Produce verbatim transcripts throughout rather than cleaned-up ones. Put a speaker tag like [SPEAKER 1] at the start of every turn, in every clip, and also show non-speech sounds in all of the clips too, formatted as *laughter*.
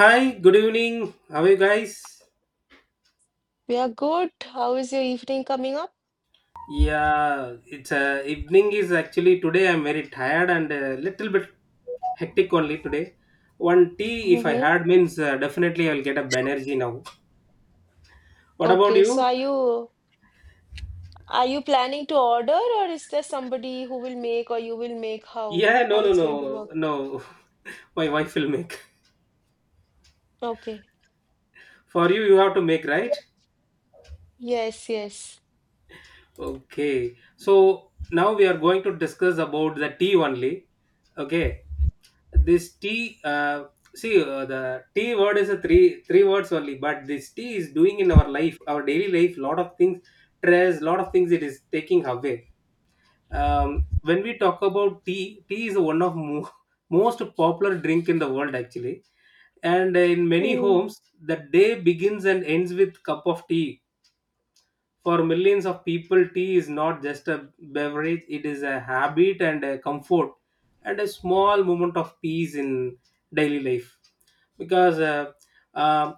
[SPEAKER 1] Hi, good evening. How are you guys?
[SPEAKER 2] We are good. How is your evening coming up?
[SPEAKER 1] Yeah, it's uh, evening is actually today. I'm very tired and a little bit hectic only today. One tea, if I
[SPEAKER 2] Mm-hmm.
[SPEAKER 1] had, means uh, definitely I'll get up energy now. What about
[SPEAKER 2] Okay, so
[SPEAKER 1] you?
[SPEAKER 2] are you are you planning to order, or is there somebody who will make, or you will make? how
[SPEAKER 1] Yeah, no,
[SPEAKER 2] how
[SPEAKER 1] no,
[SPEAKER 2] it's going to
[SPEAKER 1] no,
[SPEAKER 2] work?
[SPEAKER 1] no. *laughs* My wife will make.
[SPEAKER 2] Okay.
[SPEAKER 1] For you, you have to make, right?
[SPEAKER 2] Yes, yes.
[SPEAKER 1] Okay. So now we are going to discuss about the tea only. Okay. this tea uh, see uh, the tea word is a three three words only, but this tea is doing in our life, our daily life, lot of things. Stress, lot of things it is taking away. Um, when we talk about tea tea is one of mo- *laughs* most popular drink in the world actually, and in many
[SPEAKER 2] Hmm.
[SPEAKER 1] homes the day begins and ends with cup of tea. For millions of people, tea is not just a beverage, it is a habit and a comfort and a small moment of peace in daily life. Because uh, uh,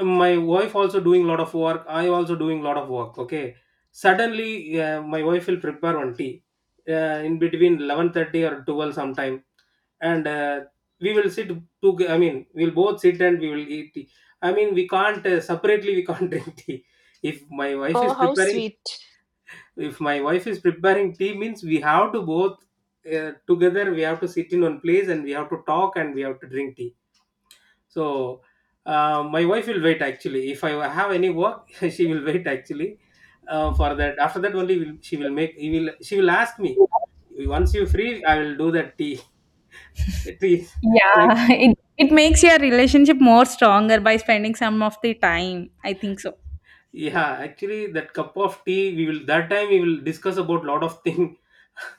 [SPEAKER 1] my wife also doing a lot of work, I also doing a lot of work. Okay, suddenly uh, my wife will prepare one tea uh, in between eleven thirty or twelve sometime, and uh, we will sit to I mean, we'll both sit and we will eat tea. I mean, we can't uh, separately, we can't *laughs* drink tea. If my wife is
[SPEAKER 2] Oh, how
[SPEAKER 1] preparing,
[SPEAKER 2] sweet.
[SPEAKER 1] if my wife is preparing tea means we have to both uh, together, we have to sit in one place and we have to talk and we have to drink tea. So uh, my wife will wait actually if I have any work. *laughs* She will wait actually uh, for that. After that only will, she will make, he will she will ask me, once you free I will do that tea. *laughs* Tea,
[SPEAKER 3] Yeah,
[SPEAKER 1] like,
[SPEAKER 3] *laughs* it it makes your relationship more stronger by spending some of the time. I think so.
[SPEAKER 1] yeah actually, that cup of tea, we will that time we will discuss about lot of thing.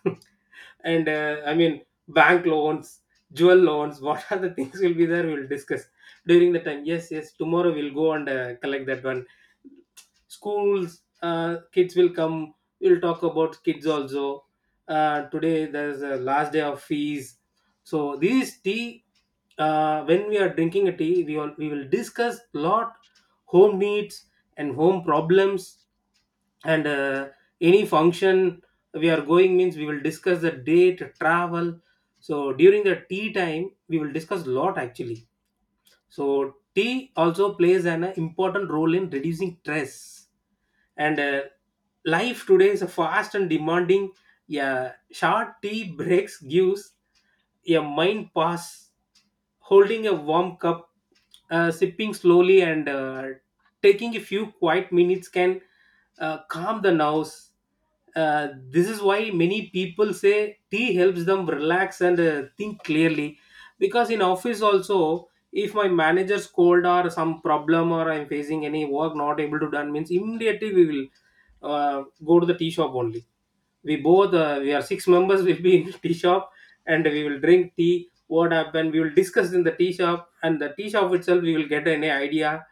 [SPEAKER 1] *laughs* And uh, I mean, bank loans, jewel loans, *laughs* what are the things will be there we'll discuss during the time. Yes, yes, tomorrow we'll go and uh, collect that one. Schools, uh, kids will come, we'll talk about kids also. Uh, today there's a last day of fees. So this tea, uh, when we are drinking a tea, we all we will discuss lot, home needs and home problems, and uh, any function we are going means we will discuss the date, travel. So during the tea time we will discuss lot actually. So tea also plays an important role in reducing stress, and uh, life today is fast and demanding. Yeah, short tea breaks gives a mind pass. Holding a warm cup, uh, sipping slowly, and uh, taking a few quiet minutes can uh, calm the nerves. Uh, this is why many people say tea helps them relax and uh, think clearly. Because in office also, if my manager scold or some problem, or I'm facing any work not able to done means, immediately we will uh, go to the tea shop only. We both, uh, we are six members *laughs* will be in *laughs* tea shop, and we will drink tea. What happened, we will discuss in the tea shop, and the tea shop itself we will get any idea.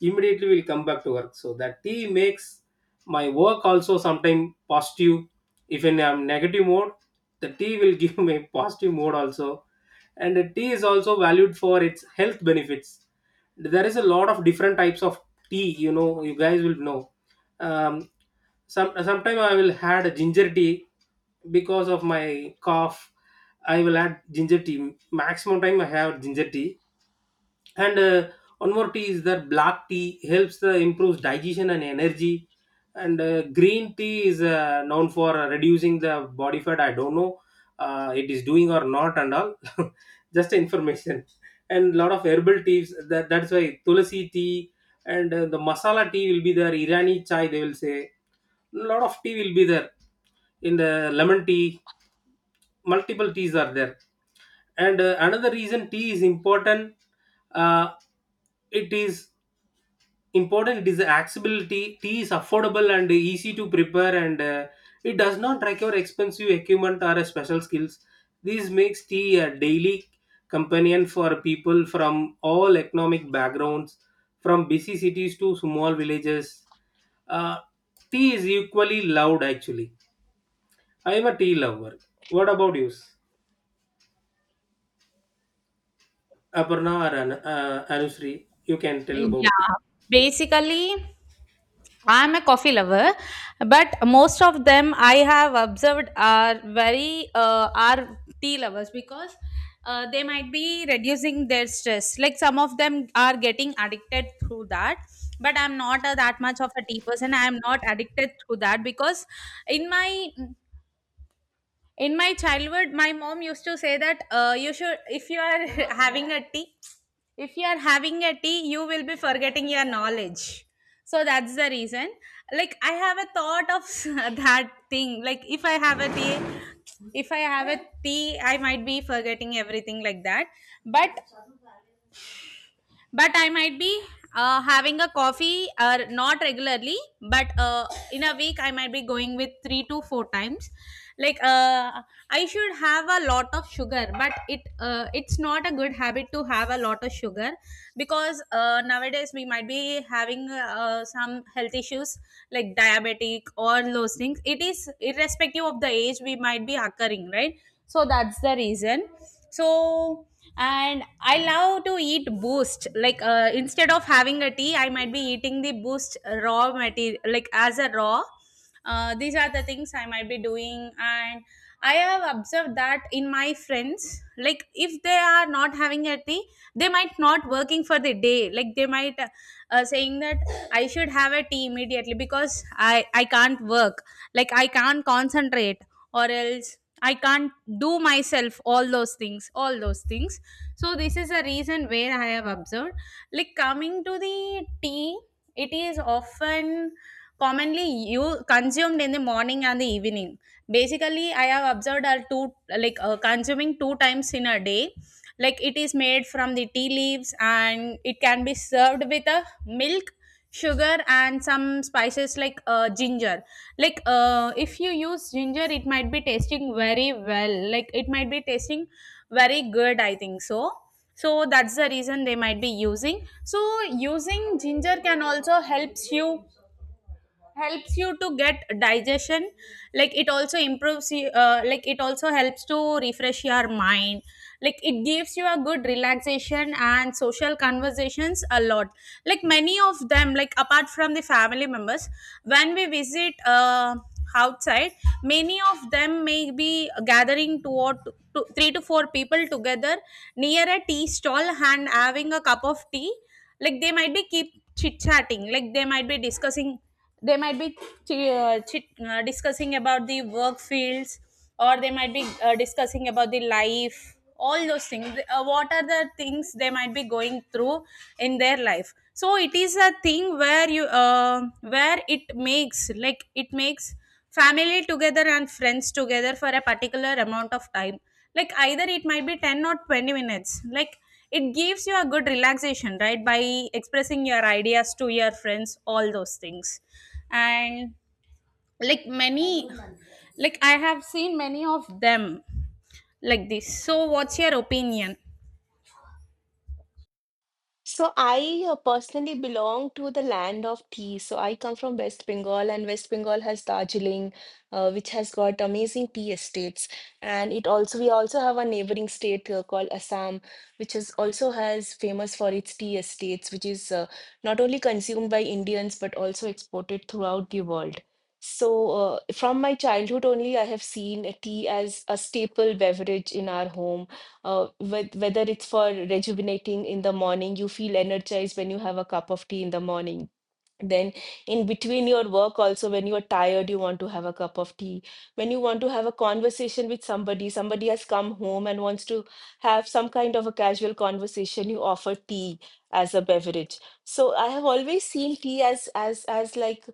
[SPEAKER 1] Immediately we'll come back to work. So that tea makes my work also sometime positive. If in I'm negative mode, the tea will *laughs* give me positive mode also. And uh, tea is also valued for its health benefits. There is a lot of different types of tea, you know, you guys will know. um, some sometime I will add a ginger tea because of my cough. I will add ginger tea, maximum time I have ginger tea. And uh, one more tea is that black tea helps uh, improves digestion and energy. And uh, green tea is uh, known for uh, reducing the body fat. I don't know uh, it is doing or not and all. *laughs* Just information. And lot of herbal teas, that, that's why tulsi tea and uh, the masala tea will be there, irani chai they will say. Lot of tea will be there in the lemon tea, multiple teas are there. And uh, another reason tea is important, uh, it is important, it is accessibility. Tea is affordable and easy to prepare, and uh, it does not require expensive equipment or uh, special skills. This makes tea a daily companion for people from all economic backgrounds, from busy cities to small villages. uh, Tea is equally loved actually. I am a tea lover. What about you, Aparna or An- uh, Anushree, you can tell about it.
[SPEAKER 3] Yeah, basically, I'm a coffee lover, but most of them I have observed are very uh, are tea lovers because uh, they might be reducing their stress. Like some of them are getting addicted through that, but I'm not a, that much of a tea person. I'm not addicted through that because in my in my childhood my mom used to say that uh, you should, if you are *laughs* having a tea, if you are having a tea you will be forgetting your knowledge. So that's the reason, like I have a thought of *laughs* that thing, like if I have a tea, if I have a tea I might be forgetting everything like that. but but I might be uh, having a coffee or not regularly, but uh, in a week I might be going with three to four times. Like uh, I should have a lot of sugar, but it uh, it's not a good habit to have a lot of sugar because uh, nowadays we might be having uh, some health issues like diabetic or those things. It is irrespective of the age we might be occurring, right? So that's the reason. So, and I love to eat boost, like uh, instead of having a tea I might be eating the boost raw material like as a raw. Uh, these are the things I might be doing, and I have observed that in my friends, like if they are not having a tea they might not working for the day, like they might uh, uh, saying that I should have a tea immediately because i i can't work, like I can't concentrate, or else I can't do myself all those things, all those things. So this is a reason where I have observed. Like coming to the tea, it is often commonly you consumed in the morning and the evening. Basically, I have observed are two, like uh, consuming two times in a day. Like it is made from the tea leaves and it can be served with a milk, sugar, and some spices like uh, ginger. Like uh, if you use ginger it might be tasting very well, like it might be tasting very good, I think so. So that's the reason they might be using. So using ginger can also helps you helps you to get digestion. Like it also improves you, uh, like it also helps to refresh your mind, like it gives you a good relaxation and social conversations a lot. Like many of them, like apart from the family members, when we visit uh, outside, many of them may be gathering two or two, two, three to four people together near a tea stall and having a cup of tea. Like they might be keep chit chatting, like they might be discussing, they might be ch- uh, chit uh, discussing about the work fields, or they might be uh, discussing about the life, all those things, uh, what are the things they might be going through in their life. So it is a thing where you uh, where it makes, like it makes family together and friends together for a particular amount of time, like either it might be ten or twenty minutes. Like it gives you a good relaxation, right, by expressing your ideas to your friends, all those things. And like many, like I have seen many of them like this. So what's your opinion?
[SPEAKER 2] So I uh, personally belong to the land of tea. So I come from West Bengal, and West Bengal has Darjeeling, uh, which has got amazing tea estates. And it also we also have a neighboring state uh, called Assam, which is also has famous for its tea estates, which is uh, not only consumed by Indians but also exported throughout the world. So uh, from my childhood only, I have seen uh, tea as a staple beverage in our home uh, with, whether it's for rejuvenating in the morning. You feel energized when you have a cup of tea in the morning, then, in between your work, also, when you are tired, you want to have a cup of tea. When you want to have a conversation with somebody, somebody has come home and wants to have some kind of a casual conversation, you offer tea as a beverage. So I have always seen tea as as as like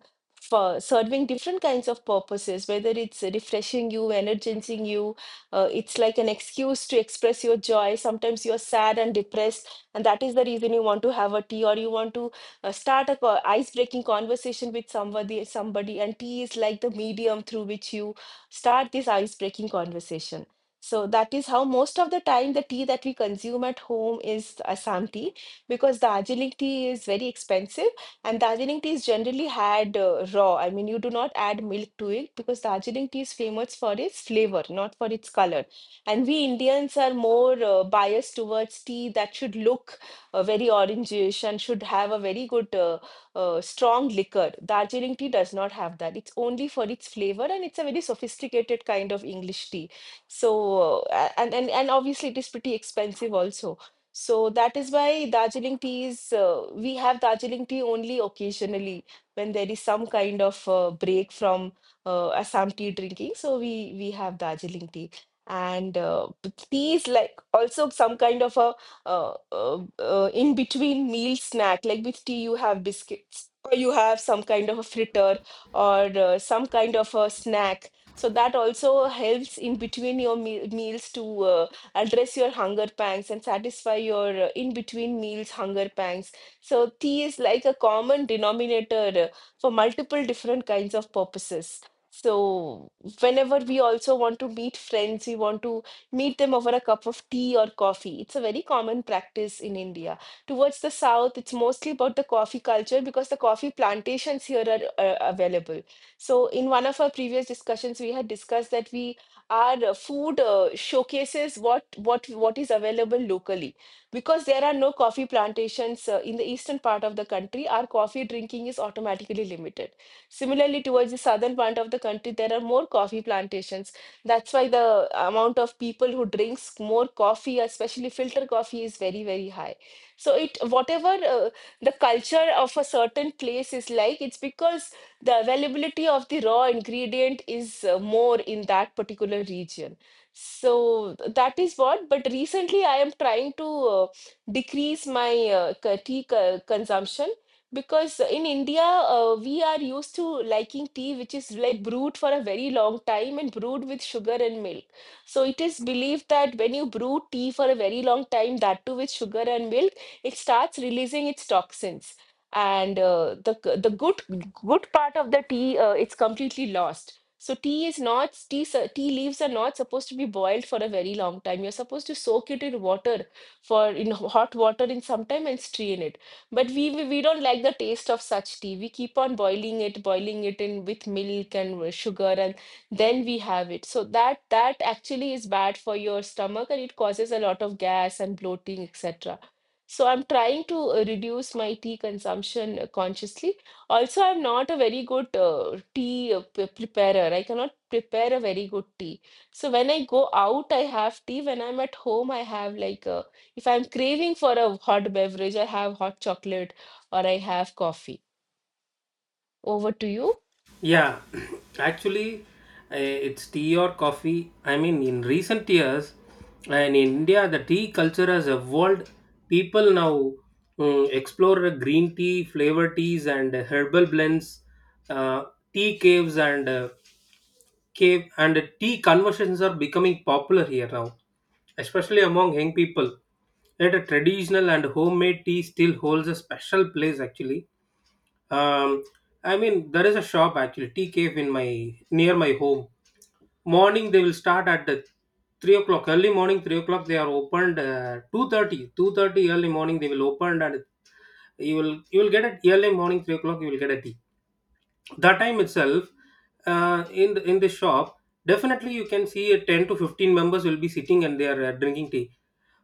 [SPEAKER 2] for serving different kinds of purposes, whether it's refreshing you, energizing you, uh, it's like an excuse to express your joy. Sometimes you're sad and depressed, and that is the reason you want to have a tea, or you want to uh, start a co- ice-breaking conversation with somebody, somebody, and tea is like the medium through which you start this ice-breaking conversation. So that is how most of the time the tea that we consume at home is Assam tea, because Darjeeling tea is very expensive, and Darjeeling tea is generally had uh, raw. I mean, you do not add milk to it, because Darjeeling tea is famous for its flavor, not for its color. And we Indians are more uh, biased towards tea that should look uh, very orangish and should have a very good uh, uh, strong liquor. Darjeeling tea does not have that. It's only for its flavor, and it's a very sophisticated kind of English tea. So uh, and and and obviously it is pretty expensive also. So that is why Darjeeling tea is uh, we have Darjeeling tea only occasionally, when there is some kind of uh, break from uh, Assam tea drinking. So we we have Darjeeling tea. And uh, b- tea is like also some kind of a uh, uh, uh, in between meal snack. Like with tea you have biscuits, or you have some kind of a fritter, or uh, some kind of a snack, so that also helps in between your me- meals to uh, address your hunger pangs and satisfy your uh, in between meals hunger pangs. So tea is like a common denominator uh, for multiple different kinds of purposes. So whenever we also want to meet friends, we want to meet them over a cup of tea or coffee. It's a very common practice in India. Towards the south, it's mostly about the coffee culture, because the coffee plantations here are uh, available. So, in one of our previous discussions, we had discussed that we our uh, food uh, showcases what what what is available locally. Because there are no coffee plantations uh, in the eastern part of the country, our coffee drinking is automatically limited. Similarly, towards the southern part of the country, there are more coffee plantations. That's why the amount of people who drinks more coffee, especially filter coffee, is very, very high. So it whatever uh, the culture of a certain place is like, it's because the availability of the raw ingredient is uh, more in that particular region. So th- that is what. But recently, I am trying to uh, decrease my uh, ca- tea co- consumption, because in India, uh, we are used to liking tea, which is like brewed for a very long time and brewed with sugar and milk. So it is believed that when you brew tea for a very long time, that too with sugar and milk, it starts releasing its toxins. And uh, the g- the good good part of the tea, uh, it's completely lost. So tea is not tea s- tea leaves are not supposed to be boiled for a very long time. You're supposed to soak it in water for in hot water in some time and strain it. But we we we don't like the taste of such tea. We keep on boiling it, boiling it in with milk and with sugar, and then we have it. So that that actually is bad for your stomach, and it causes a lot of gas and bloating, et cetera. So I'm trying to uh, reduce my tea consumption uh, consciously. Also, I'm not a very good uh, tea uh, pre- preparer. I cannot prepare a very good tea. So when I go out, I have tea. When I'm at home, I have like a, if I'm craving for a hot beverage, I have hot chocolate or I have coffee. Over to you.
[SPEAKER 1] Yeah, *clears throat* actually, uh, it's tea or coffee. I mean, in recent years, in India, the tea culture has evolved. People now, mm, explore green tea, flavored teas, and herbal blends. Uh, Tea caves and uh, cave and tea conversations are becoming popular here now, especially among young people. Yet, a traditional and homemade tea still holds a special place actually. Um, I mean, there is a shop actually, tea cave in my near my home. Morning they will start at the three o'clock. Early morning three o'clock they are opened. Uh, two thirty, two thirty early morning they will open, and you will you will get it early morning three o'clock you will get a tea. That time itself, uh, in the, in the shop, definitely you can see uh, ten to fifteen members will be sitting, and they are uh, drinking tea.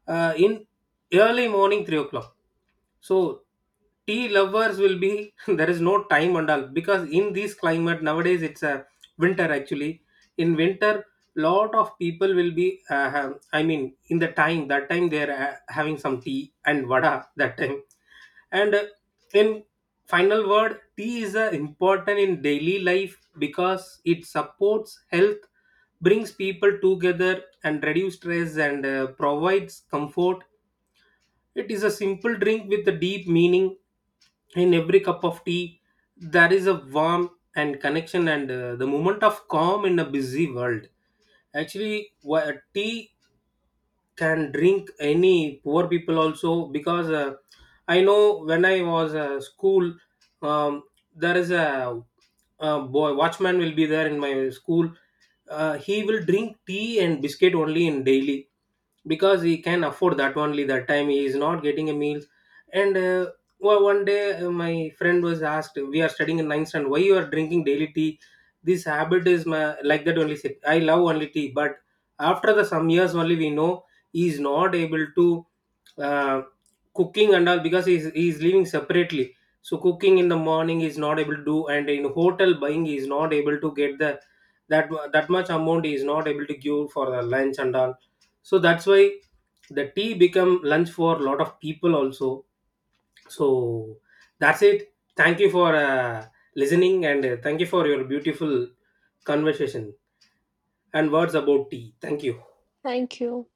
[SPEAKER 1] Uh, in early morning three o'clock. So tea lovers will be *laughs* there is no time and all, because in this climate nowadays it's a winter actually. In winter, lot of people will be uh, ha- I mean, in the time, that time they are uh, having some tea and vada that time. And uh, in final word, tea is uh, important in daily life because it supports health, brings people together, and reduce stress, and uh, provides comfort. It is a simple drink with a deep meaning. In every cup of tea, there is a warmth and connection, and uh, the moment of calm in a busy world. Actually, wha- tea can drink any poor people also, because uh, I know when I was uh, school, um, there is a, a boy watchman will be there in my school. Uh, he will drink tea and biscuit only in daily, because he can afford that only. That time he is not getting a meal. And uh, well, one day uh, my friend was asked, we are studying in ninth, and why you are drinking daily tea. This habit is my, like that only said, I love only tea. But after the some years only we know, he is not able to uh, cooking and all, because he is, he is living separately. So cooking in the morning he is not able to do, and in hotel buying he is not able to get the that mu- that much amount. He is not able to give for the lunch and all. So that's why the tea become lunch for a lot of people also. So that's it. Thank you for uh, listening, and uh, thank you for your beautiful conversation and words about tea. Thank you.
[SPEAKER 2] Thank you.